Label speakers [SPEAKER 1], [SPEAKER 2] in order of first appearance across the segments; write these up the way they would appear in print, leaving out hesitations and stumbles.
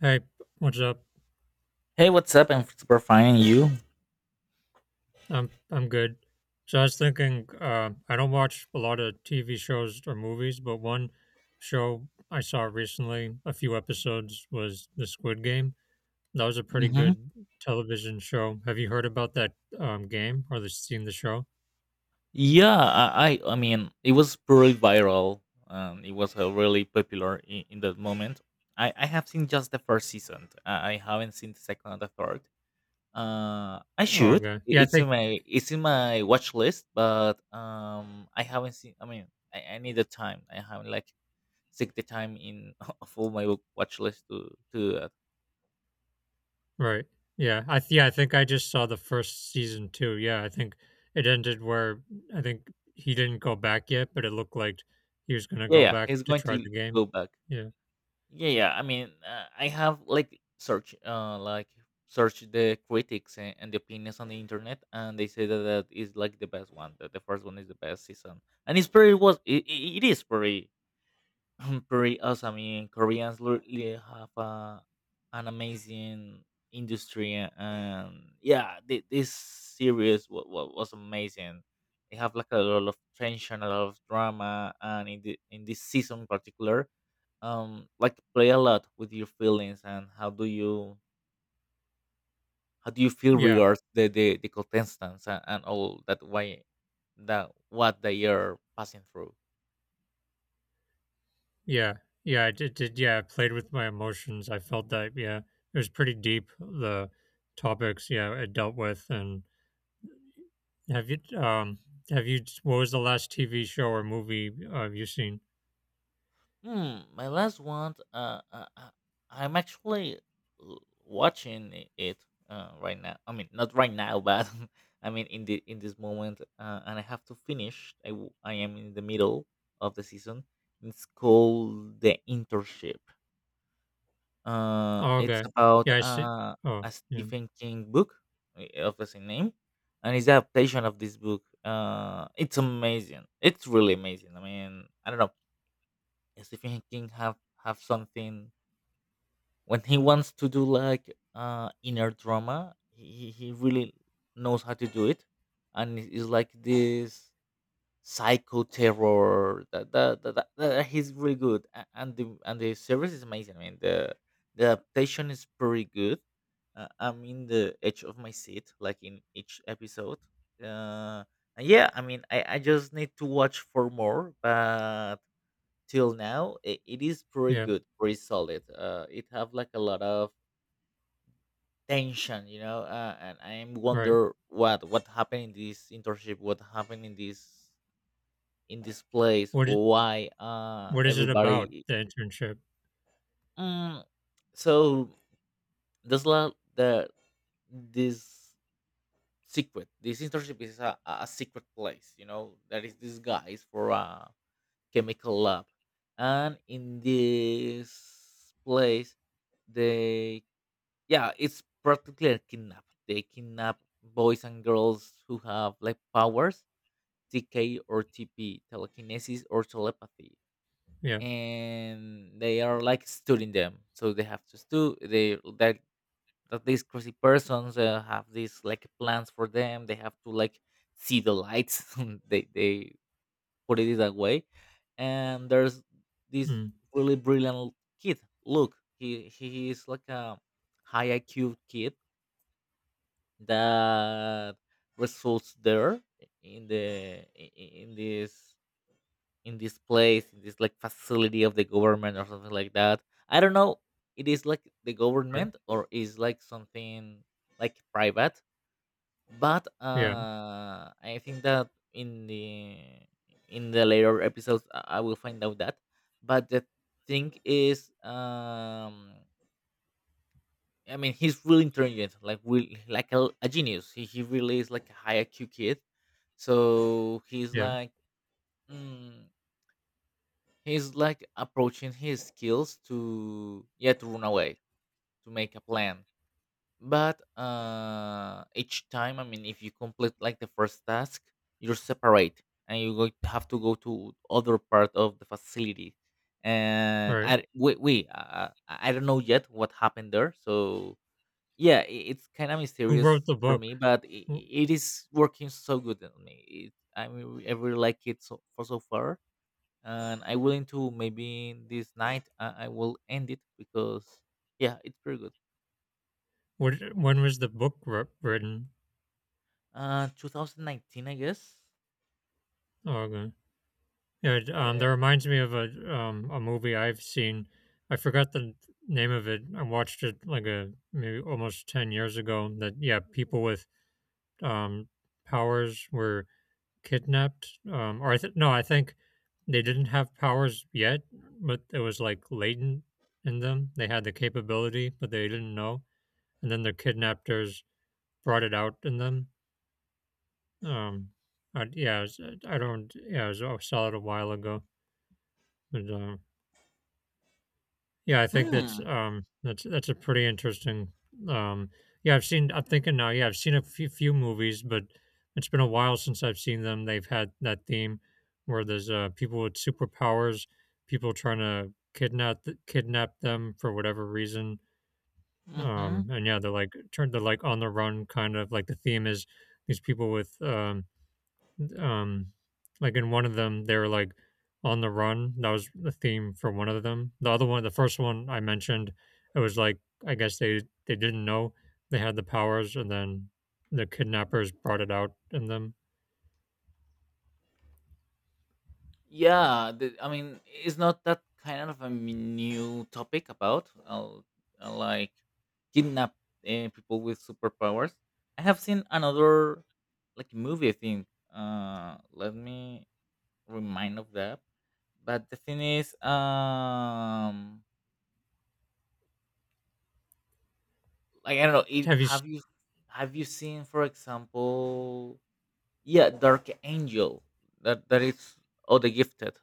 [SPEAKER 1] Hey, what's up?
[SPEAKER 2] Hey, what's up? I'm super fine. And you?
[SPEAKER 1] I'm good. So I was thinking, I don't watch a lot of TV shows or movies, but one show I saw recently, a few episodes, was The Squid Game. That was a pretty
[SPEAKER 2] hmm
[SPEAKER 1] good television show. Have you heard about that game or seen the show?
[SPEAKER 2] Yeah, I mean, it was pretty viral. It was really popular in that moment. I have seen just the first season. I haven't seen the second and the third. I
[SPEAKER 1] Oh,
[SPEAKER 2] should.
[SPEAKER 1] okay. Yeah, I
[SPEAKER 2] It's in
[SPEAKER 1] think
[SPEAKER 2] my watch list, but I haven't seen. I mean, I need the time. I haven't like take the time in of all my watch list to.
[SPEAKER 1] right. Yeah, I think I just saw the first season too. Yeah, I think it ended where I think he didn't go back yet, but it looked like he was gonna
[SPEAKER 2] Yeah,
[SPEAKER 1] go
[SPEAKER 2] yeah,
[SPEAKER 1] back
[SPEAKER 2] he's
[SPEAKER 1] to
[SPEAKER 2] going
[SPEAKER 1] try
[SPEAKER 2] to
[SPEAKER 1] the game.
[SPEAKER 2] go back.
[SPEAKER 1] Yeah.
[SPEAKER 2] Yeah, yeah. I mean, I have like search the critics and the opinions on the internet, and they say that is like the best one. That the first one is the best season, and it's pretty was it, it it is pretty pretty awesome. I mean, Koreans really have an amazing industry, and yeah, this series was amazing. They have like a lot of tension, a lot of drama, and in this season in particular, like play a lot with your feelings and how do you feel
[SPEAKER 1] Yeah,
[SPEAKER 2] regards the contestants and all that why that what they are passing through.
[SPEAKER 1] yeah, yeah. I did. Yeah, I played with my emotions. I felt that. Yeah, it was pretty deep. The topics. Yeah, it dealt with. And have you? What was the last TV show or movie have you seen?
[SPEAKER 2] My last one. I'm actually l- watching it right now. I mean, not right now, but I mean in this moment, and I have to finish. I am in the middle of the season. It's called The Internship.
[SPEAKER 1] Oh,
[SPEAKER 2] It's
[SPEAKER 1] okay.
[SPEAKER 2] about
[SPEAKER 1] Yeah, I see. Oh,
[SPEAKER 2] a
[SPEAKER 1] yeah,
[SPEAKER 2] Stephen King book of the same name, and it's the adaptation of this book. It's amazing. It's really amazing. I mean, I don't know and Stephen King have something when he wants to do like inner drama. He really knows how to do it, and it's like this psycho terror that he's really good and the series is amazing. I mean the adaptation is pretty good. I'm in the edge of my seat, like in each episode. Uh, and yeah, I mean I just need to watch for more, but till now it is pretty
[SPEAKER 1] yeah.
[SPEAKER 2] good, pretty solid. It have like a lot of tension, you know. And I am
[SPEAKER 1] Right.
[SPEAKER 2] wonder what happened in this internship, what happened in this place,
[SPEAKER 1] What is?
[SPEAKER 2] why
[SPEAKER 1] What is it about
[SPEAKER 2] everybody.
[SPEAKER 1] the internship?
[SPEAKER 2] mm, so there's a lot the this secret, this internship is a secret place, you know. There is this guys for a chemical lab, and in this place they. Yeah, it's practically a kidnap. They kidnap boys and girls who have like powers, TK or TP, telekinesis or telepathy,
[SPEAKER 1] Yeah.
[SPEAKER 2] and they are like studying them. So they have to stu they that that these crazy persons have these like plans for them. They have to like see the lights. They put it that way, and there's this
[SPEAKER 1] Mm,
[SPEAKER 2] really brilliant kid. Look, he is like a high IQ kid that results there in the in this place, in this like facility of the government or something like that. I don't know, it is like the
[SPEAKER 1] right.
[SPEAKER 2] government or is like something like private, but
[SPEAKER 1] Yeah.
[SPEAKER 2] I think that in the later episodes, I will find out that. But the thing is, I mean, he's really intelligent, like really, like a genius. He really is like a high IQ kid. So he's
[SPEAKER 1] Yeah.
[SPEAKER 2] like, mm, he's like approaching his skills to yeah to run away, to make a plan. But each time, I mean, if you complete like the first task, you're separate and you going to have to go to other part of the facility. And
[SPEAKER 1] Right.
[SPEAKER 2] I we I don't know yet what happened there, so yeah, I it's kinda
[SPEAKER 1] Who
[SPEAKER 2] mysterious
[SPEAKER 1] wrote the
[SPEAKER 2] for
[SPEAKER 1] book?
[SPEAKER 2] me, but
[SPEAKER 1] Wh-
[SPEAKER 2] I it is working so good on me. It I mean, I really like it so for so far, and I'm willing to maybe this night I will end it because, yeah, it's pretty good.
[SPEAKER 1] What? When was the book written?
[SPEAKER 2] 2019, I guess?
[SPEAKER 1] Oh, okay. Yeah, it, that
[SPEAKER 2] Yeah.
[SPEAKER 1] reminds me of a movie I've seen. I forgot the name of it. I watched it like a maybe almost 10 years ago. That yeah, people with um, powers were kidnapped. No, I think they didn't have powers yet, but it was like latent in them. They had the capability, but they didn't know. And then the kidnappers brought it out in them. Um, I, yeah, it was, I don't. Yeah, it was, I saw it a while ago, but. Yeah, I think that's
[SPEAKER 2] Hmm,
[SPEAKER 1] that's a pretty interesting um yeah, I've seen I'm thinking now, yeah, I've seen a few movies, but it's been a while since I've seen them. They've had that theme where there's people with superpowers, people trying to kidnap kidnap them for whatever reason.
[SPEAKER 2] mhm.
[SPEAKER 1] And yeah, they're like turned they're like on the run kind of like the theme is these people with um like in one of them they were like on the run. That was the theme for one of them. The other one, the first one I mentioned, it was like I guess they didn't know they had the powers and then the kidnappers brought it out in them.
[SPEAKER 2] Yeah, I mean, it's not that kind of a new topic about like kidnap people with superpowers. I have seen another like movie, I think. Let me remind of that. But the thing is, like I don't know.
[SPEAKER 1] have you s-
[SPEAKER 2] Have you seen, for example? Yeah, Dark Angel. That is all the gifted.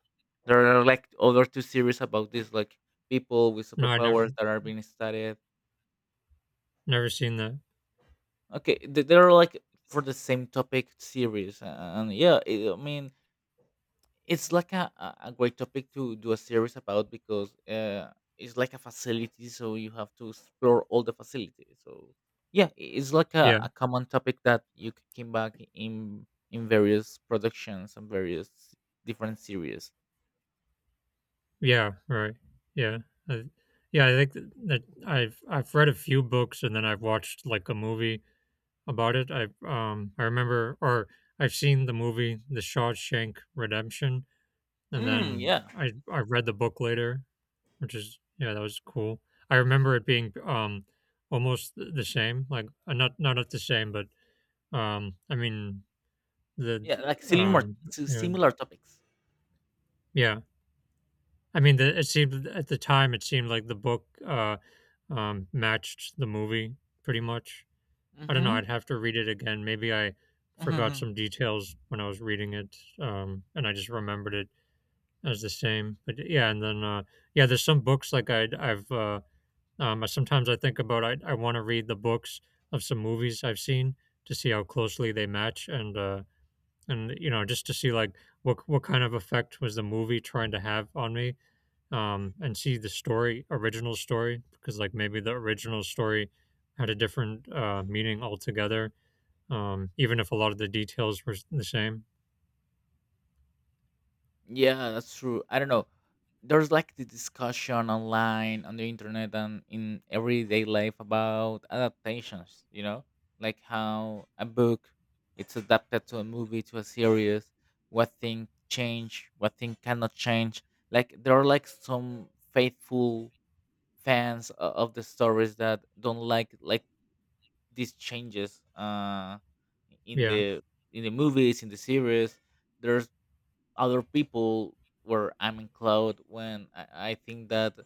[SPEAKER 2] There are like other two series about this, like people with
[SPEAKER 1] no, I never
[SPEAKER 2] superpowers that are being studied.
[SPEAKER 1] never seen that.
[SPEAKER 2] Okay, they're like for the same topic series, and yeah, I mean it's like a a great topic to do a series about because it's like a facility, so you have to explore all the facilities. So yeah, it's like
[SPEAKER 1] Yeah.
[SPEAKER 2] a common topic that you came back in various productions and various different series.
[SPEAKER 1] Yeah, right. Yeah. I, yeah, I think that I've read a few books and then I've watched like a movie about it. I I remember or I've seen the movie The Shawshank Redemption. And then
[SPEAKER 2] Yeah,
[SPEAKER 1] I read the book later, which is yeah, that was cool. I remember it being almost the same, like not not at the same, but I mean the
[SPEAKER 2] yeah,
[SPEAKER 1] the,
[SPEAKER 2] like similar
[SPEAKER 1] um
[SPEAKER 2] to
[SPEAKER 1] yeah,
[SPEAKER 2] similar topics.
[SPEAKER 1] yeah. I mean the, it seemed at the time it seemed like the book matched the movie pretty much. I don't know.
[SPEAKER 2] Mm-hmm.
[SPEAKER 1] I'd have to read it again. Maybe I forgot
[SPEAKER 2] hmm
[SPEAKER 1] some details when I was reading it, and I just remembered it. That was the same, but yeah, and then yeah, there's some books like I I've sometimes I think about I want to read the books of some movies I've seen to see how closely they match, and you know just to see like what kind of effect was the movie trying to have on me, and see the story original story, because like maybe the original story had a different meaning altogether, even if a lot of the details were the same.
[SPEAKER 2] Yeah, that's true. I don't know. There's like the discussion online on the internet and in everyday life about adaptations. You know, like how a book it's adapted to a movie, to a series. What thing change? What thing cannot change? Like there are like some faithful fans of the stories that don't like these changes in
[SPEAKER 1] Yeah,
[SPEAKER 2] the in the movies, in the series. There's other people where I'm in cloud, when I think that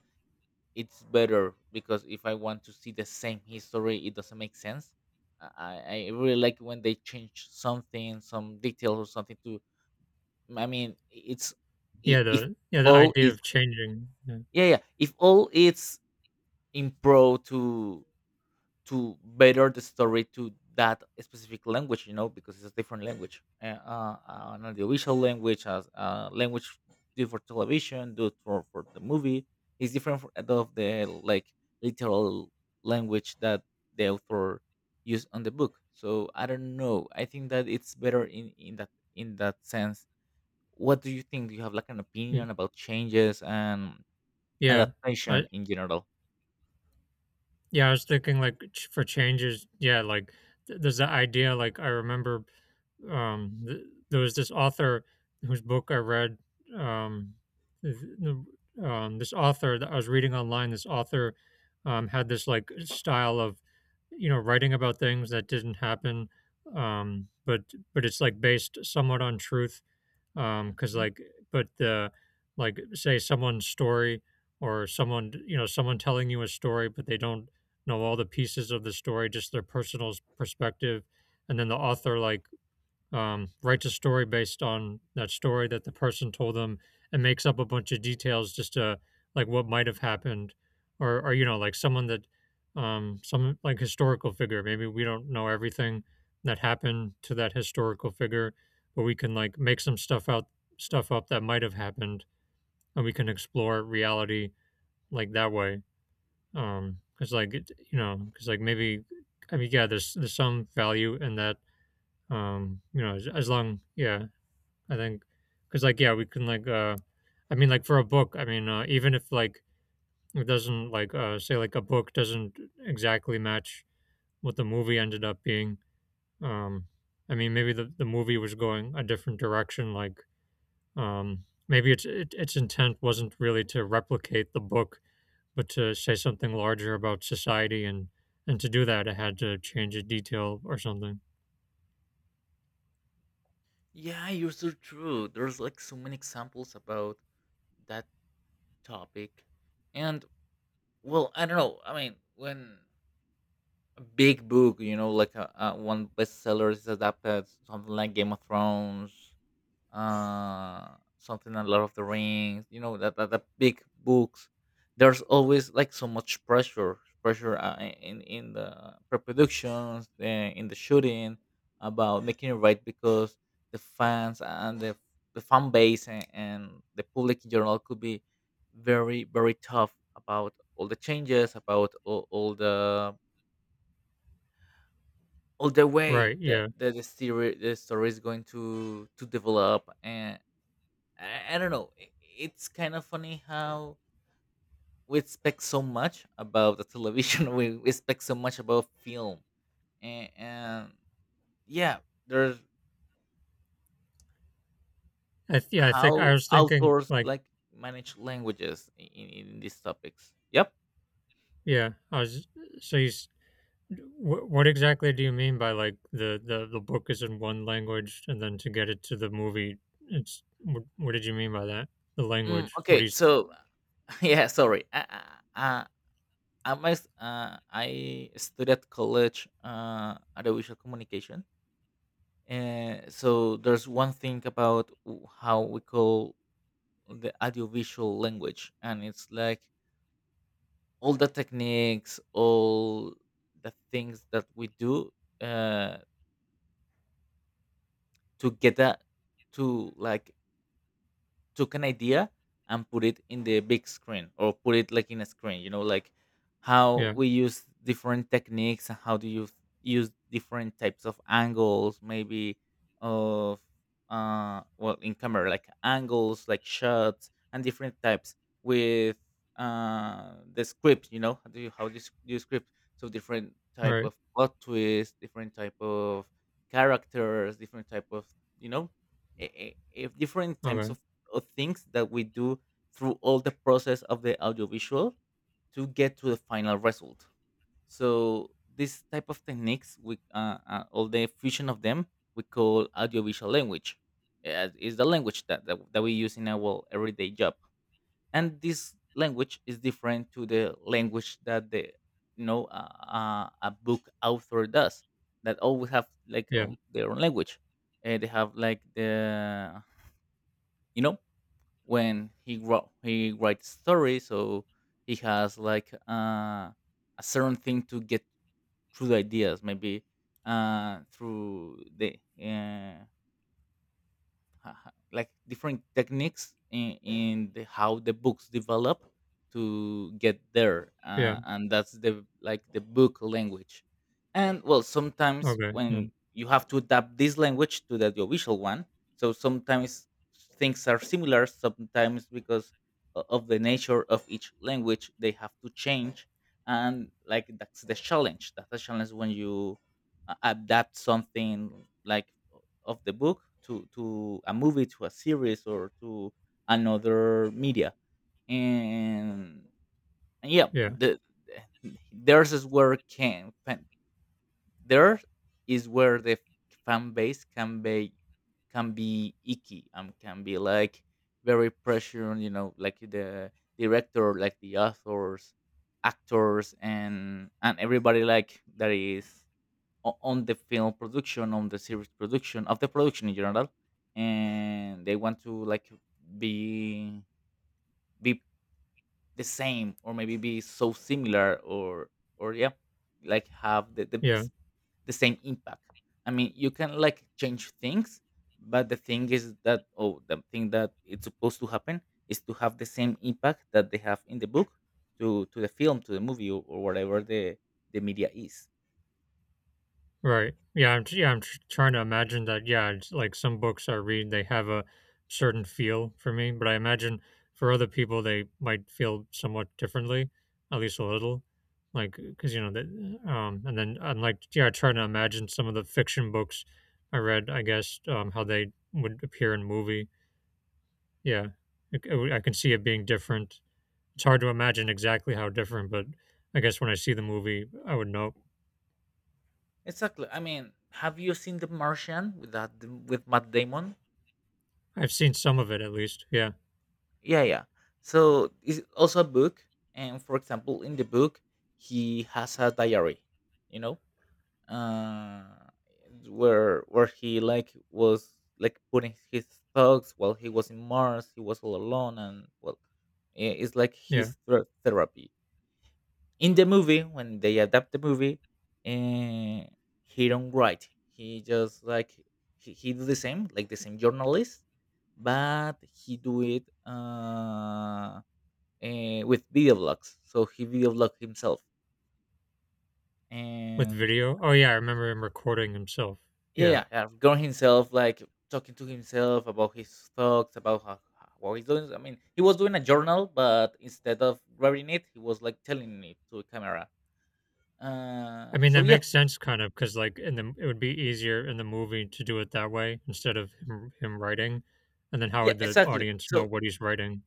[SPEAKER 2] it's better because if I want to see the same history it doesn't make sense. I really like when they change something, some detail or something to. I mean it's I- if
[SPEAKER 1] yeah the
[SPEAKER 2] all
[SPEAKER 1] idea
[SPEAKER 2] is
[SPEAKER 1] of changing. Yeah,
[SPEAKER 2] yeah, yeah, if all it's improved to better the story to that specific language, you know, because it's a different language. An audiovisual language, as language do for television, do for the movie. It's different of the like literal language that the author used on the book. So I don't know. I think that it's better in that in that sense. What do you think? Do you have like an
[SPEAKER 1] Y-
[SPEAKER 2] opinion about changes and
[SPEAKER 1] yeah, I
[SPEAKER 2] adaptation in general?
[SPEAKER 1] yeah, I was thinking like for changes. Yeah, like there's the idea. Like I remember there was this author whose book I read. Um, th- this author that I was reading online, this author had this like style of, you know, writing about things that didn't happen, um, but but it's like based somewhat on truth. Because
[SPEAKER 2] Mm-hmm.
[SPEAKER 1] like, but the like say someone's story or someone you know someone telling you a story, but they don't know all the pieces of the story, just their personal perspective, and then the author like writes a story based on that story that the person told them, and makes up a bunch of details just to like what might have happened, or you know like someone that some like historical figure, maybe we don't know everything that happened to that historical figure, but we can like make some stuff out stuff up that might have happened, and we can explore reality like that way. Because like you know because like maybe I mean yeah there's some value in that. You know, as long yeah, I think, because like yeah, we can like I mean like for a book, I mean even if like it doesn't like say like a book doesn't exactly match what the movie ended up being. Um, I mean maybe the movie was going a different direction. Like maybe its it, its intent wasn't really to replicate the book, but to say something larger about society, and to do that it had to change a detail or something.
[SPEAKER 2] Yeah, you're so true. There's like so many examples about that topic. And well, I don't know. I mean, when big book, you know, like a one bestseller is adapted, something like Game of Thrones, uh something a lot of the rings, you know, that big books, there's always like so much pressure in the pre-productions, in the shooting about making it right because the fans and the fan base and the public in general could be very tough about all the changes, about all the way
[SPEAKER 1] Right. Yeah.
[SPEAKER 2] that the story is going to develop and. I don't know. It's kind of funny how we expect so much about the television. We expect so much about film, and yeah, there's
[SPEAKER 1] I think I
[SPEAKER 2] how
[SPEAKER 1] was thinking
[SPEAKER 2] authors
[SPEAKER 1] like
[SPEAKER 2] like manage languages in, in these topics. Yep.
[SPEAKER 1] yeah. I was so you s- what exactly do you mean by like the book is in one language and then to get it to the movie, it's what did you mean by that? The language. What do
[SPEAKER 2] Okay.
[SPEAKER 1] you
[SPEAKER 2] So yeah, sorry. I, I- I'm I studied at college audiovisual communication. So there's one thing about how we call the audiovisual language, and it's like all the techniques, all the things that we do uh, together to like took an idea and put it in the big screen or put it like in a screen, you know, like how
[SPEAKER 1] Yeah,
[SPEAKER 2] we use different techniques and how do you use different types of angles maybe of well in camera, like angles, like shots and different types with the script, you know, how do you, do you script, so different type
[SPEAKER 1] right.
[SPEAKER 2] of plot twist, different type of characters, different type of, you know, if different types
[SPEAKER 1] Okay.
[SPEAKER 2] of or things that we do through all the process of the audiovisual to get to the final result. So this type of techniques, we all the fusion of them, we call audiovisual language. Is the language that that we use in our everyday job, and this language is different to the language that the you know a book author does. That always have like
[SPEAKER 1] Yeah.
[SPEAKER 2] their own language. They have like the, you know when he writes stories, so he has like a certain thing to get through the ideas, maybe through the ha- ha- like different techniques in the, how the books develop to get there,
[SPEAKER 1] Yeah.
[SPEAKER 2] and that's the, like, the book language. And well, sometimes
[SPEAKER 1] Okay. Yeah.
[SPEAKER 2] when you have to adapt this language to the audiovisual one, so sometimes things are similar sometimes because of the nature of each language they have to change. And like, that's the challenge, that's the challenge when you adapt something, like, of the book to a movie, to a series, or to another media, and, and yeah,
[SPEAKER 1] Yeah.
[SPEAKER 2] the the- theirs is where can fan- there is where the fan base can be, can be icky, can be like very pressure, like the director, like the authors, actors, and everybody like that is on the film production, on the series production, of the production in general, and they want to like be be the same, or maybe be so similar, or yeah, like have
[SPEAKER 1] Yeah.
[SPEAKER 2] the same impact. I mean, you can like change things, but the thing is that, oh, the thing that it's supposed to happen is to have the same impact that they have in the book to the film, to the movie, or, whatever the media is.
[SPEAKER 1] Right. Yeah. I'm. Yeah. I'm trying to imagine that. Yeah. It's like some books I read, they have a certain feel for me, but I imagine for other people they might feel somewhat differently, at least a little. Like, because you know that. And then I'm like, yeah, trying to imagine some of the fiction books I read. I guess how they would appear in movie. Yeah. I can see it being different. It's hard to imagine exactly how different, but I guess when I see the movie, I would know.
[SPEAKER 2] Exactly. I mean, have you seen The Martian with, that, with Matt Damon?
[SPEAKER 1] I've seen some of it at least. Yeah.
[SPEAKER 2] Yeah, yeah. So it's also a book, and for example, in the book, he has a diary, you know, uh, where he like was like putting his thoughts while he was in Mars. He was all alone, and well, it's like
[SPEAKER 1] Yeah.
[SPEAKER 2] his therapy. In the movie when they adapt the movie, uh, he don't write, he just like he do the same, like the same journalist, but he do it with video blogs, so he video blog himself.
[SPEAKER 1] With
[SPEAKER 2] And
[SPEAKER 1] video? Oh, yeah, I remember him recording himself.
[SPEAKER 2] yeah,
[SPEAKER 1] Yeah.
[SPEAKER 2] yeah, going himself like talking to himself about his thoughts about what he's doing. I mean, he was doing a journal, but instead of writing it, he was like telling it to a camera,
[SPEAKER 1] I mean,
[SPEAKER 2] so
[SPEAKER 1] that
[SPEAKER 2] yeah,
[SPEAKER 1] makes sense kind of, because like, in the it would be easier in the movie to do it that way instead of him writing, and then how
[SPEAKER 2] yeah,
[SPEAKER 1] would the
[SPEAKER 2] exactly,
[SPEAKER 1] audience know
[SPEAKER 2] so
[SPEAKER 1] what he's writing?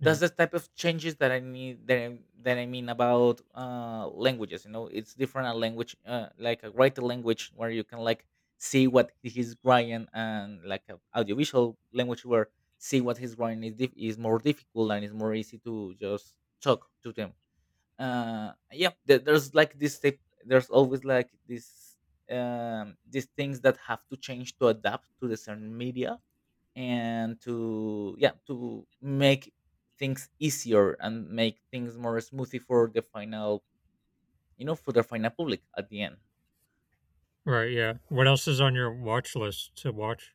[SPEAKER 1] Yeah.
[SPEAKER 2] the type of changes that I need, that I mean about languages. It's different, a language, like a written language where you can like see what he's writing, and like a audiovisual language where see what he's writing is is more difficult, and it's more easy to just talk to them. Yeah, there's like this type, there's always like this, these things that have to change to adapt to the certain media, and to, yeah, to make things easier and make things more smoothie for the final, for the final public at the end.
[SPEAKER 1] Right, yeah. What else is on your watch list to watch?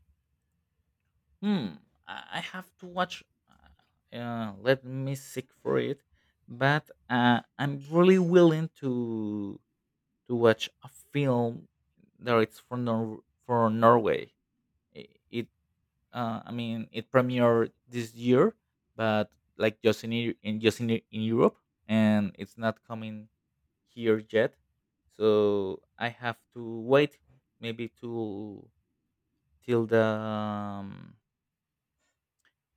[SPEAKER 2] Hmm, I have to watch, let me seek for it, but I'm really willing to watch a film that it's from for Norway. It I mean, it premiered this year, but like just in in Europe, and it's not coming here yet. So I have to wait maybe to till the,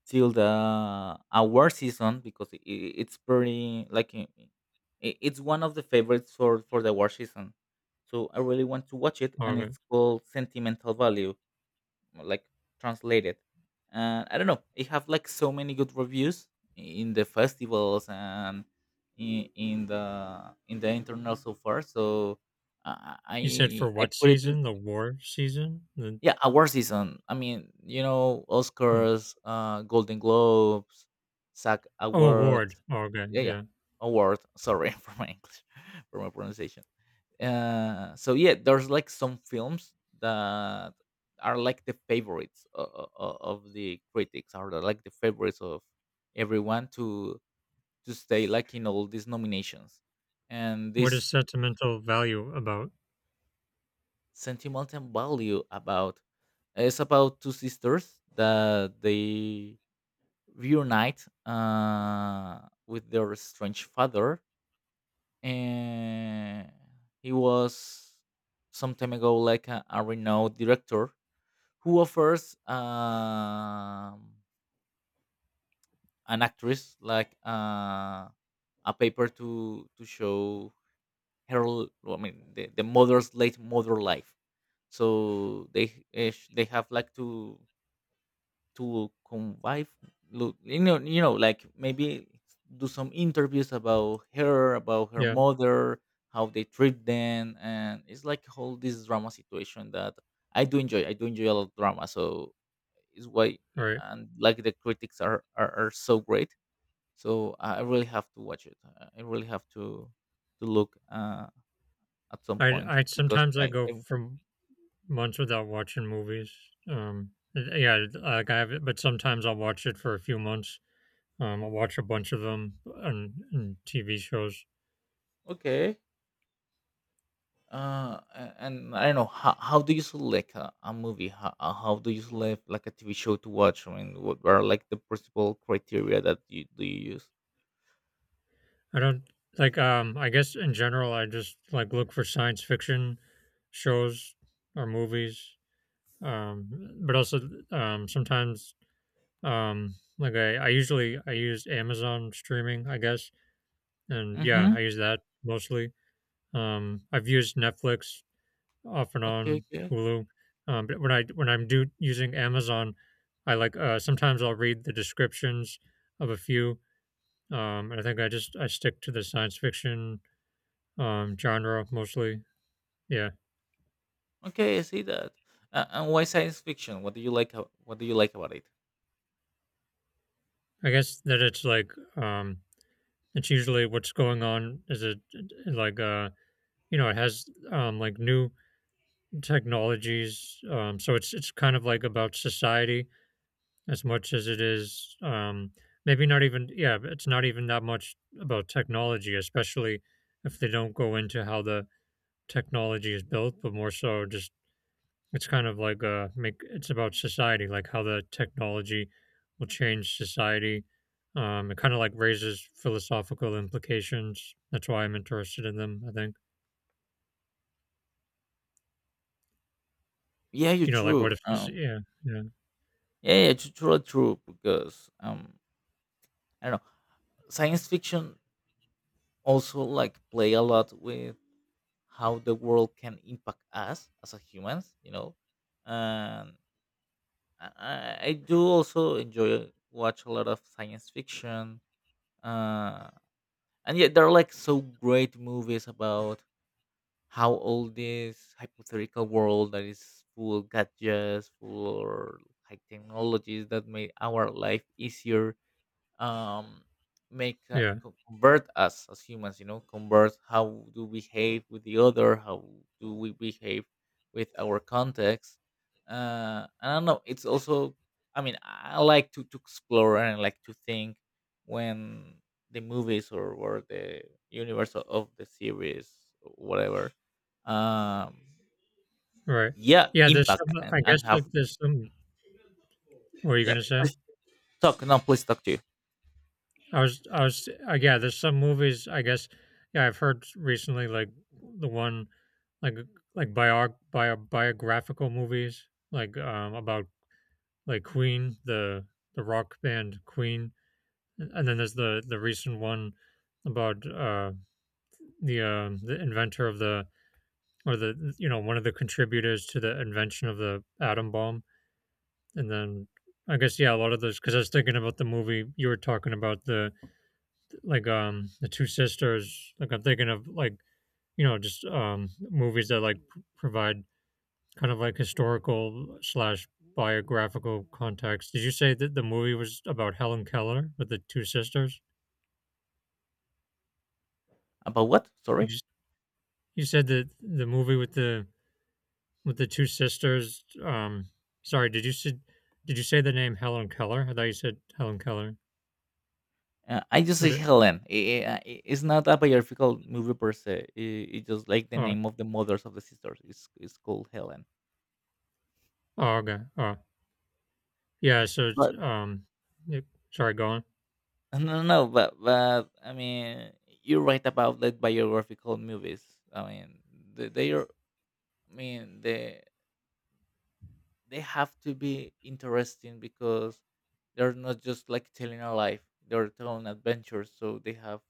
[SPEAKER 2] till the award season, because it's pretty like, it's one of the favorites for the award season. So I really want to watch it,
[SPEAKER 1] Oh,
[SPEAKER 2] and
[SPEAKER 1] okay.
[SPEAKER 2] it's called Sentimental Value, like, translated. And I don't know, it have like so many good reviews in the festivals and in the internet so far. So
[SPEAKER 1] You said
[SPEAKER 2] I
[SPEAKER 1] for
[SPEAKER 2] I
[SPEAKER 1] what
[SPEAKER 2] put it in.
[SPEAKER 1] season? The war season? The
[SPEAKER 2] Yeah, award season. I mean,
[SPEAKER 1] mm.
[SPEAKER 2] Oscars, Golden Globes, SAG
[SPEAKER 1] Oh, award.
[SPEAKER 2] awards.
[SPEAKER 1] Oh, okay,
[SPEAKER 2] Yeah,
[SPEAKER 1] yeah.
[SPEAKER 2] award. Sorry for my English, for my pronunciation, so yeah, there's like some films that are like the favorites of the critics, or like the favorites of everyone to stay like in all these nominations, and
[SPEAKER 1] What is
[SPEAKER 2] this.
[SPEAKER 1] sentimental value about?
[SPEAKER 2] Sentimental Value about, it's about two sisters that they reunite, with their strange father, and he was some time ago like a renowned director, who offers an actress like, a paper to show her, I mean the mother's late mother life. So they they have like to convive, like maybe do some interviews about her, about her
[SPEAKER 1] Yeah,
[SPEAKER 2] mother, how they treat them. And it's like whole this drama situation that I do enjoy. I do enjoy a lot of drama, so is why.
[SPEAKER 1] all right.
[SPEAKER 2] And like the critics are so great. So I really have to watch it. I really have to look, at some point
[SPEAKER 1] I
[SPEAKER 2] because
[SPEAKER 1] sometimes I
[SPEAKER 2] I,
[SPEAKER 1] go
[SPEAKER 2] I
[SPEAKER 1] from months without watching movies. Um, yeah, like I have it, but sometimes I'll watch it for a few months. I'll watch a bunch of them on TV shows.
[SPEAKER 2] okay. And I don't know how do you select a movie? How do you select like a TV show to watch? I mean, what are like the principal criteria that you use?
[SPEAKER 1] I don't like. I guess in general, I just like look for science fiction shows or movies. Um, but also sometimes like I usually I use Amazon streaming, I guess, and yeah,
[SPEAKER 2] Mm-hmm.
[SPEAKER 1] I use that mostly. I've used Netflix off and
[SPEAKER 2] Okay,
[SPEAKER 1] on
[SPEAKER 2] okay,
[SPEAKER 1] Hulu. But when I when I'm do using Amazon, I like sometimes I'll read the descriptions of a few. And I think I just I stick to the science fiction genre mostly. Yeah,
[SPEAKER 2] okay. I see that. And why science fiction? What do you like? What do you like about it?
[SPEAKER 1] I guess that it's like um, it's usually what's going on is it like you know it has like new technologies. So it's kind of like about society as much as it is maybe not even yeah it's not even that much about technology, especially if they don't go into how the technology is built, but more so just it's kind of like make it's about society, like how the technology will change society. It kind of like raises philosophical implications. That's why I'm interested in them, I think.
[SPEAKER 2] Yeah, you're
[SPEAKER 1] You know, like what
[SPEAKER 2] true.
[SPEAKER 1] if this, yeah yeah
[SPEAKER 2] Yeah, yeah, true, true, true, because, I don't know, science fiction also like play a lot with how the world can impact us as a humans. And I do also enjoy, watch a lot of science fiction. Uh, and yeah, there are like so great movies about how all this hypothetical world that is full of gadgets, full or high technologies that made our life easier, um make,
[SPEAKER 1] yeah
[SPEAKER 2] convert us as humans, convert how do we behave with the other, how do we behave with our context, I don't know, it's also, I mean, I like to explore, and I like to think when the movies, or the universe of the series, whatever, um
[SPEAKER 1] right
[SPEAKER 2] yeah,
[SPEAKER 1] yeah there's
[SPEAKER 2] impact
[SPEAKER 1] some
[SPEAKER 2] and,
[SPEAKER 1] I
[SPEAKER 2] and
[SPEAKER 1] guess
[SPEAKER 2] have.
[SPEAKER 1] like there's some what are you
[SPEAKER 2] Yeah,
[SPEAKER 1] gonna say?
[SPEAKER 2] please talk, no, please talk to you.
[SPEAKER 1] Yeah. There's some movies, I guess. Yeah, I've heard recently, like the one, like like biographical movies, like about like Queen, the rock band Queen, and then there's the recent one about the inventor of the or the one of the contributors to the invention of the atom bomb, and then I guess yeah, a lot of those because I was thinking about the movie you were talking about the like the two sisters, like I'm thinking of like you know just movies that like provide kind of like historical slash biographical context. Did you say that the movie was about Helen Keller with the two sisters?
[SPEAKER 2] About what?
[SPEAKER 1] did
[SPEAKER 2] Sorry.
[SPEAKER 1] you, you said that the movie with the two sisters, sorry did you say, did you say the name Helen Keller? I thought you said Helen Keller.
[SPEAKER 2] I just
[SPEAKER 1] But it
[SPEAKER 2] tell them, it's not a biographical movie per se. It's just like the
[SPEAKER 1] oh,
[SPEAKER 2] name of the mothers of the sisters. It's called Helen.
[SPEAKER 1] oh okay. Oh yeah, so it's
[SPEAKER 2] But
[SPEAKER 1] yeah, sorry, go on.
[SPEAKER 2] no, no, but I mean, you're right about the biographical movies. I mean, they are. I mean, they have to be interesting because they're not just like telling a life. They're telling adventures, so they have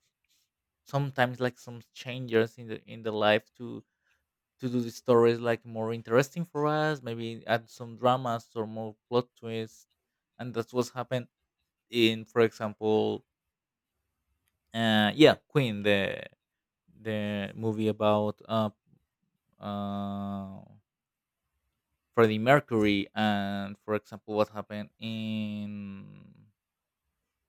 [SPEAKER 2] sometimes like some changes in the life to do the stories like more interesting for us, maybe add some dramas or more plot twists. And that's what's happened in, for example, yeah, Queen, the movie about uh, Freddie Mercury, and for example, what happened in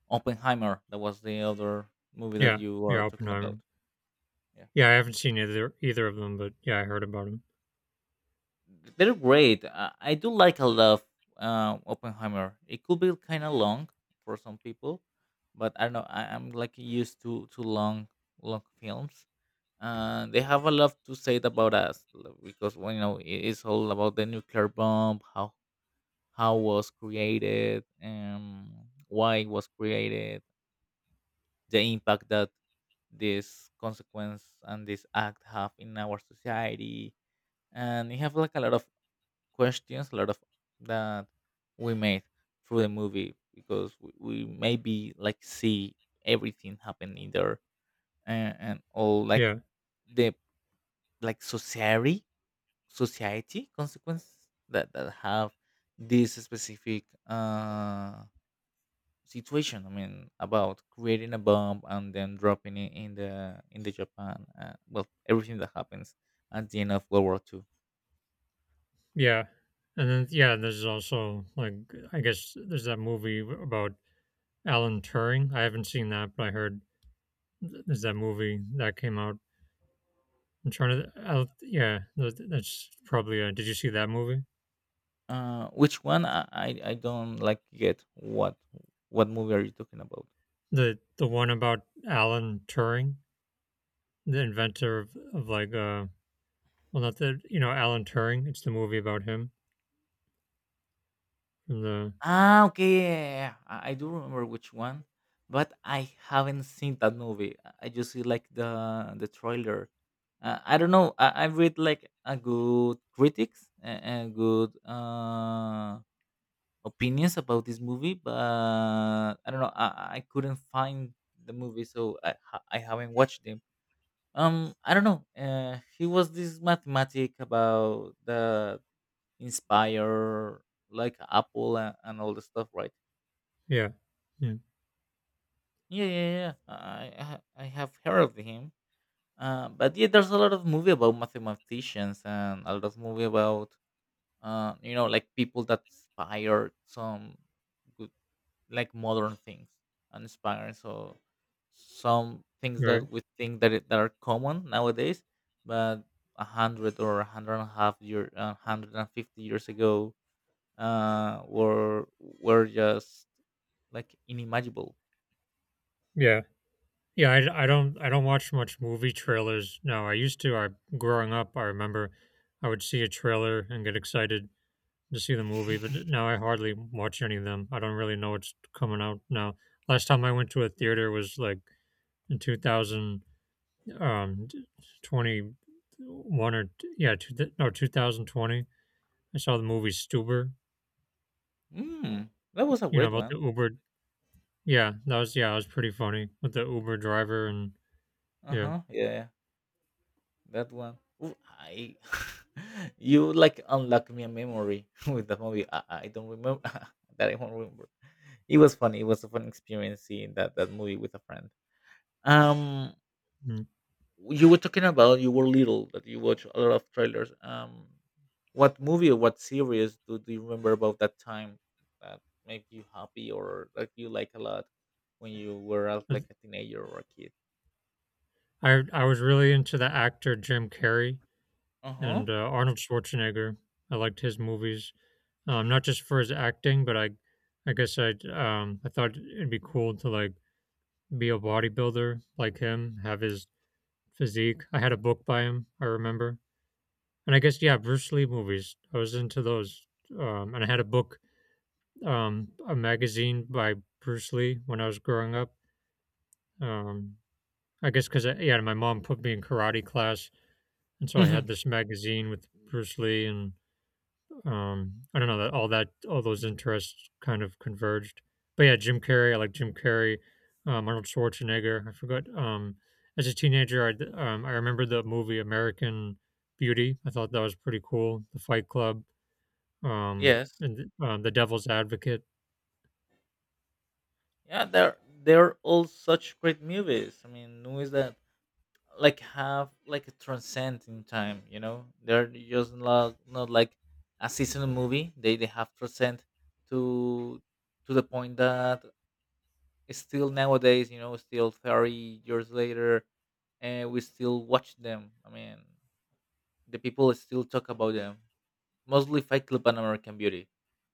[SPEAKER 2] Oppenheimer. That was the other movie that
[SPEAKER 1] Yeah,
[SPEAKER 2] you
[SPEAKER 1] yeah,
[SPEAKER 2] were talking
[SPEAKER 1] Oppenheimer.
[SPEAKER 2] about. Yeah.
[SPEAKER 1] Yeah, I haven't seen either of them, but yeah, I heard about them.
[SPEAKER 2] They're great. I do like a lot of, Oppenheimer. It could be kind of long for some people, but I don't know. I'm like used to long, long films. They have a lot to say about us, because, well, it's all about the nuclear bomb, how was created, why it was created, the impact that this consequence and this act have in our society, and you have like a lot of questions, a lot of that we made through the movie because we maybe like see everything happening there, and all like
[SPEAKER 1] Yeah,
[SPEAKER 2] the, like, society, society consequences that have this specific, situation. I mean, about creating a bomb and then dropping it in the, Japan, well, everything that happens at the end of World War II.
[SPEAKER 1] yeah, and then yeah, there's also like I guess there's that movie about Alan Turing. I haven't seen that, but I heard there's that movie that came out. I'm trying to I'll, yeah, that's probably. Did you see that movie?
[SPEAKER 2] Which one? I don't like get what movie are you talking about?
[SPEAKER 1] The one about Alan Turing, the inventor of like well not the you know Alan Turing. It's the movie about him from the
[SPEAKER 2] Ah, okay, yeah, yeah, yeah, yeah. I do remember which one, but I haven't seen that movie. I just see like the trailer. I don't know. I read like a good critics, and good, opinions about this movie, but I don't know. I couldn't find the movie, so I haven't watched them. I don't know, he was this mathematic about the inspire, like Apple, and all the stuff, right?
[SPEAKER 1] yeah, yeah,
[SPEAKER 2] Yeah, yeah, yeah, yeah. I have heard of him, but yeah, there's a lot of movie about mathematicians, and a lot of movie about, like people that inspired some good, like, modern things, and inspired so some things
[SPEAKER 1] right,
[SPEAKER 2] that we think that are common nowadays. But 100, or a hundred and a half year, 150 years ago, uh were were just like inimaginable.
[SPEAKER 1] yeah. Yeah, I don't I don't watch much movie trailers now. I used to. I growing up, I remember I would see a trailer and get excited to see the movie, but now I hardly watch any of them. I don't really know what's coming out now. Last time I went to a theater was like in 2000 um 21 or yeah, no 2020. I saw the movie Stuber,
[SPEAKER 2] Mm, that was a
[SPEAKER 1] you know,
[SPEAKER 2] great
[SPEAKER 1] about the
[SPEAKER 2] one.
[SPEAKER 1] Uber. Yeah, that was yeah, it was pretty funny with the Uber driver and yeah.
[SPEAKER 2] Uh-huh, yeah, that one. Ooh, I you like unlock me a memory with the movie, I don't remember that I won't remember. It was funny. It was a fun experience seeing that movie with a friend. Um,
[SPEAKER 1] Mm.
[SPEAKER 2] you were talking about you were little that you watch a lot of trailers. What movie or what series do you remember about that time that make you happy or that you like a lot when you were out like a teenager or a kid?
[SPEAKER 1] I was really into the actor Jim Carrey
[SPEAKER 2] Uh
[SPEAKER 1] and Arnold Schwarzenegger. I liked his movies, not just for his acting, but I guess I thought it'd be cool to like be a bodybuilder like him, have his physique. I had a book by him, I remember, and I guess yeah, Bruce Lee movies. I was into those, and I had a book, a magazine by Bruce Lee when I was growing up. Um, I guess because yeah, my mom put me in karate class. And so I
[SPEAKER 2] huh.
[SPEAKER 1] had this magazine with Bruce Lee and I don't know that all those interests kind of converged. But yeah, Jim Carrey, I like Jim Carrey, Arnold Schwarzenegger. I forgot. As a teenager, I remember the movie American Beauty. I thought that was pretty cool. The Fight Club,
[SPEAKER 2] Yes.
[SPEAKER 1] and The Devil's Advocate.
[SPEAKER 2] Yeah, they're all such great movies. I mean, movies that like have a transcend in time, you know? They're just not like a seasonal movie. They have transcend to to the point that still nowadays, you know, still 30 years later, and we still watch them. I mean, the people still talk about them, mostly Fight Club and American Beauty.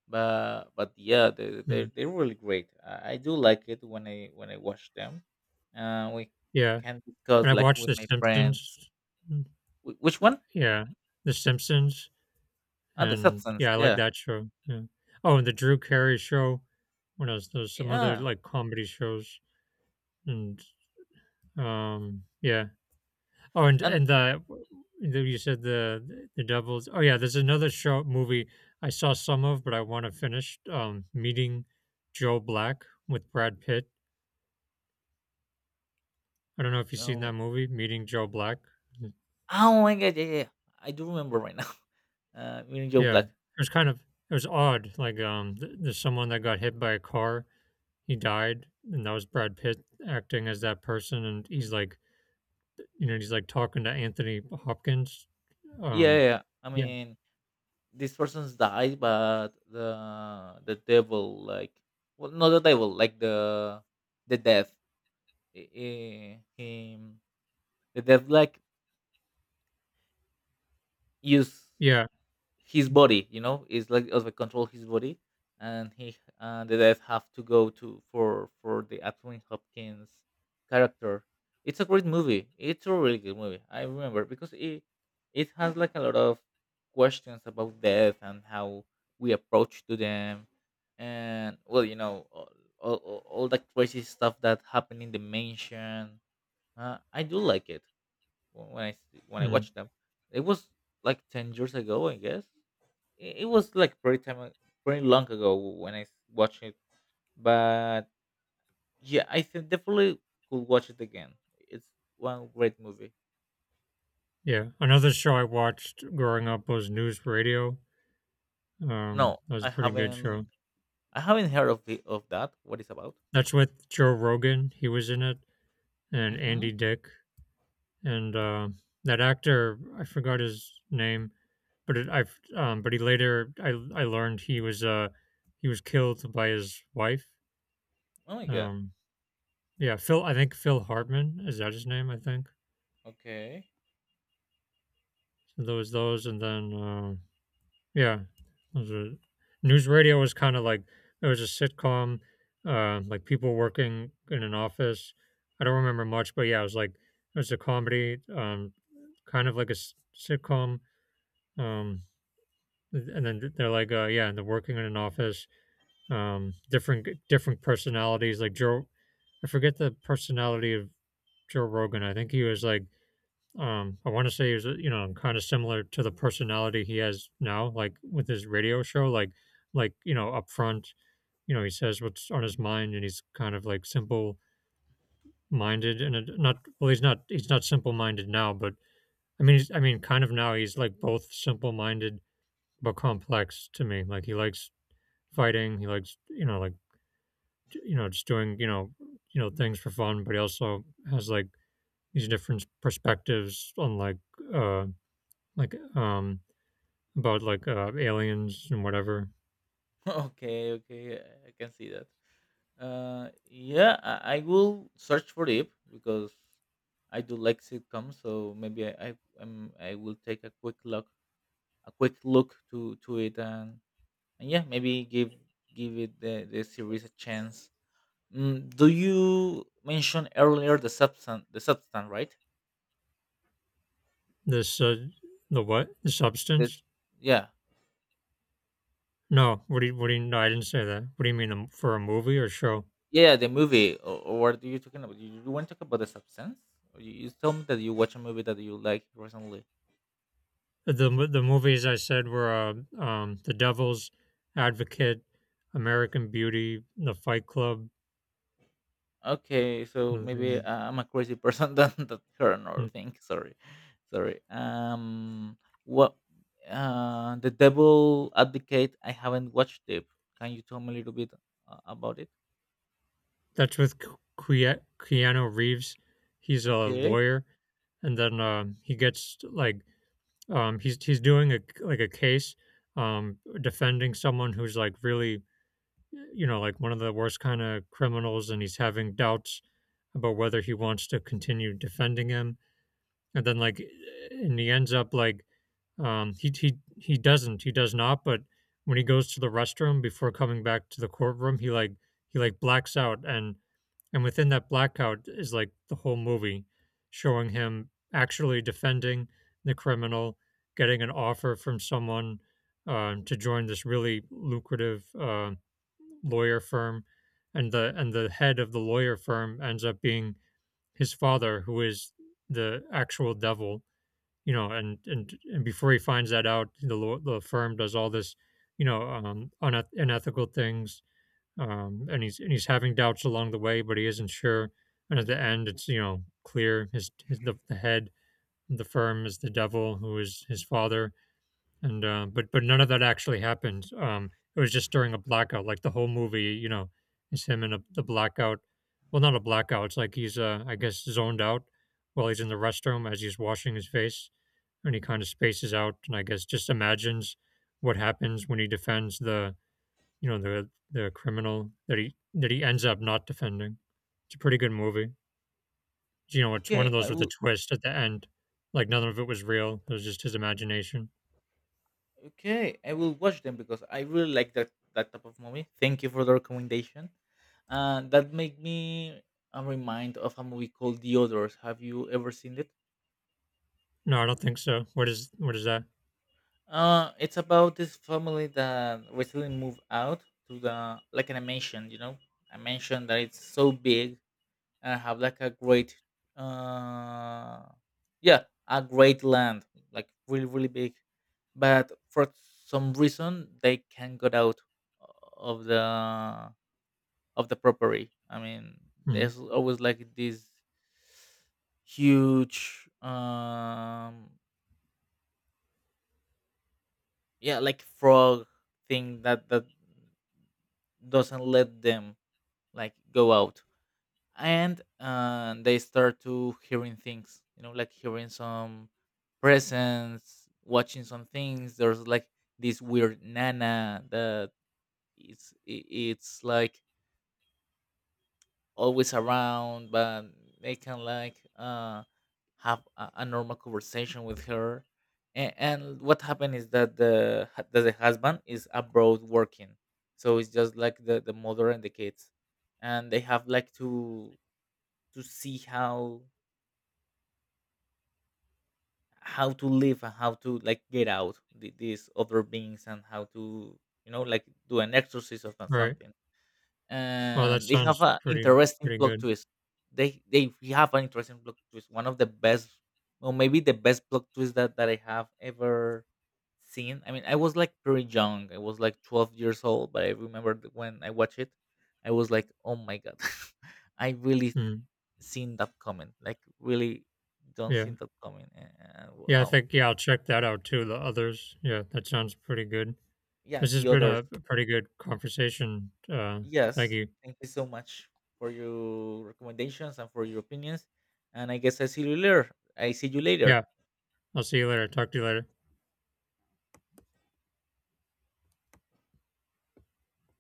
[SPEAKER 2] But yeah,
[SPEAKER 1] Mm,
[SPEAKER 2] they're really great. I do like it when I watch them. We
[SPEAKER 1] yeah,
[SPEAKER 2] can
[SPEAKER 1] and
[SPEAKER 2] discuss
[SPEAKER 1] I
[SPEAKER 2] like
[SPEAKER 1] watched
[SPEAKER 2] with
[SPEAKER 1] The
[SPEAKER 2] my friends.
[SPEAKER 1] Simpsons. Mm,
[SPEAKER 2] Wh which one?
[SPEAKER 1] yeah, The Simpsons.
[SPEAKER 2] Ah, The
[SPEAKER 1] And
[SPEAKER 2] Substance,
[SPEAKER 1] yeah, I like
[SPEAKER 2] yeah.
[SPEAKER 1] that show. Yeah. Oh, and the Drew Carey show. What else? There's some other
[SPEAKER 2] Yeah,
[SPEAKER 1] like comedy shows. And yeah. Oh,
[SPEAKER 2] and
[SPEAKER 1] and the you said the Devils. Oh yeah, there's another show movie I saw some of, but I want to finish. Meeting Joe Black with Brad Pitt. I don't know if you've seen that
[SPEAKER 2] oh
[SPEAKER 1] movie, Meeting Joe Black.
[SPEAKER 2] oh my god, yeah, yeah, yeah. I do remember right now. Meaning Joe
[SPEAKER 1] Yeah, it
[SPEAKER 2] Black.
[SPEAKER 1] was kind of it was odd. Like there's someone that got hit by a car, he died, and that was Brad Pitt acting as that person, and he's like, you know, he's like talking to Anthony Hopkins.
[SPEAKER 2] Yeah,
[SPEAKER 1] Um,
[SPEAKER 2] yeah, yeah. I
[SPEAKER 1] yeah,
[SPEAKER 2] mean, these persons died, but the devil, like, well, not the devil, like the death, him, the death, like, used
[SPEAKER 1] yeah,
[SPEAKER 2] his body, you know? It's like of control his body, and he and the death have to go to for the Anthony Hopkins character. It's a great movie. It's a really good movie. I remember because it has like a lot of questions about death and how we approach to them. And well, you know, all the crazy stuff that happened in the mansion. I do like it when I
[SPEAKER 1] mm,
[SPEAKER 2] watched them. It was like 10 years ago, I guess. It was like pretty long ago when I watched it, but yeah, I think definitely could watch it again. It's one great movie.
[SPEAKER 1] yeah. Another show I watched growing up was News Radio.
[SPEAKER 2] No,
[SPEAKER 1] That was a
[SPEAKER 2] I
[SPEAKER 1] pretty good show.
[SPEAKER 2] haven't. I haven't heard of the of that. What it's about?
[SPEAKER 1] That's with Joe Rogan. He was in it, and Andy
[SPEAKER 2] Mm-hmm.
[SPEAKER 1] Dick, and that actor I forgot his name, but it, I've but he later I learned he was killed by his wife.
[SPEAKER 2] Oh my god.
[SPEAKER 1] Um, Yeah, Phil I think Phil Hartman, is that his name, I think?
[SPEAKER 2] Okay.
[SPEAKER 1] So there was those and then, yeah, those are News Radio was kinda like it was a sitcom, like people working in an office. I don't remember much, but yeah, it was like it was a comedy, kind of like a s sitcom, um, and then they're like, yeah, and they're working in an office, different personalities, like Joe I forget the personality of Joe Rogan, I think he was like I want to say is you know kind of similar to the personality he has now, like with his radio show, like you know upfront, you know, he says what's on his mind and he's kind of like simple minded, and not well he's not, he's not simple minded now, but I mean he's, I mean kind of now he's like both simple minded but complex to me. Like he likes fighting, he likes you know like you know just doing you know things for fun, but he also has like these different perspectives on uh like about like aliens and whatever.
[SPEAKER 2] Okay. Okay. I can see that. Yeah, I will search for it because I do like sitcoms, so maybe I will take a quick look to it, and yeah, maybe give it the series a chance. Mm, do you mention earlier The Substance? The Substance, right?
[SPEAKER 1] This the what the
[SPEAKER 2] this
[SPEAKER 1] substance?
[SPEAKER 2] yeah
[SPEAKER 1] No, what do you, what do you? No, I didn't say that. What do you mean, for a movie or show?
[SPEAKER 2] Yeah, the movie? Or what are you talking about? You want to talk about The Substance? Or you told me that you watch a movie that you like recently?
[SPEAKER 1] The movies I said were The Devil's Advocate, American Beauty, The Fight Club.
[SPEAKER 2] Okay, so
[SPEAKER 1] and
[SPEAKER 2] maybe
[SPEAKER 1] then-
[SPEAKER 2] I'm a crazy person. Than that her or
[SPEAKER 1] and
[SPEAKER 2] thing, sorry. Sorry, what? The Devil Advocate, I haven't watched it. Can you tell me a little bit about it?
[SPEAKER 1] That's with Keanu Reeves. He's a
[SPEAKER 2] Okay.
[SPEAKER 1] lawyer, and then he gets like he's doing a like a case, defending someone who's like really you know, like one of the worst kind of criminals, and he's having doubts about whether he wants to continue defending him. And then, like, and he ends up like, he doesn't, he does not. But when he goes to the restroom before coming back to the courtroom, he like blacks out, and within that blackout is like the whole movie showing him actually defending the criminal, getting an offer from someone, to join this really lucrative lawyer firm, and the head of the lawyer firm ends up being his father, who is the actual devil, you know. And before he finds that out, the firm does all this, you know, unethical things, and he's having doubts along the way, but he isn't sure. And at the end, it's you know clear his, the head of the firm is the devil, who is his father. And but none of that actually happened. It was just during a blackout. Like the whole movie, you know, is him in a, the blackout. Well, not a blackout. It's like he's I guess zoned out while he's in the restroom as he's washing his face, and he kind of spaces out, and I guess just imagines what happens when he defends the you know the criminal that he ends up not defending. It's a pretty good movie. You know, it's one of
[SPEAKER 2] Okay, I
[SPEAKER 1] those with a
[SPEAKER 2] will.
[SPEAKER 1] twist at the end. Like none of it was real. It was just his imagination.
[SPEAKER 2] Okay, I will watch them because I really like that type of movie. Thank you for the recommendation. That made me a remind of a movie called The Others. Have you ever seen it?
[SPEAKER 1] No, I don't think so. What is that?
[SPEAKER 2] It's about this family that recently moved out to the like an mansion. You know, a mansion that it's so big and have like a great uh yeah, a great land, like really really big. But for some reason, they can't get out of the property. I mean,
[SPEAKER 1] Mhm.
[SPEAKER 2] there's always like this huge yeah, like frog thing that doesn't let them like go out. And they start to hearing things, you know, like hearing some presence, watching some things. There's like this weird nana that it's like always around, but they can like have a normal conversation with her. And and what happened is that the husband is abroad working, so it's just like the mother and the kids. And they have like to see how to live and how to like get out these other beings, and how to, you know, like do an exorcism or
[SPEAKER 1] Right.
[SPEAKER 2] something.
[SPEAKER 1] Well, that
[SPEAKER 2] And they have
[SPEAKER 1] sounds
[SPEAKER 2] an
[SPEAKER 1] pretty
[SPEAKER 2] interesting
[SPEAKER 1] pretty
[SPEAKER 2] plot
[SPEAKER 1] good.
[SPEAKER 2] twist. They have an interesting plot twist, one of the best, or maybe the best plot twist that I have ever seen. I mean, I was like pretty young, I was like 12 years old, but I remember when I watched it, I was like, oh my god. I really
[SPEAKER 1] Mhm.
[SPEAKER 2] seen that coming, like, really don't
[SPEAKER 1] Yeah.
[SPEAKER 2] see that coming. And,
[SPEAKER 1] Yeah, I
[SPEAKER 2] well,
[SPEAKER 1] think yeah, I'll check that out too. The others. Yeah, that sounds pretty good.
[SPEAKER 2] yeah,
[SPEAKER 1] This has
[SPEAKER 2] The
[SPEAKER 1] been
[SPEAKER 2] Others.
[SPEAKER 1] a pretty good conversation. Thank
[SPEAKER 2] Yes.
[SPEAKER 1] you.
[SPEAKER 2] Thank you so much for your recommendations and for your opinions. And I guess I see you later. I see you later.
[SPEAKER 1] Yeah, I'll see you later. Talk to you later.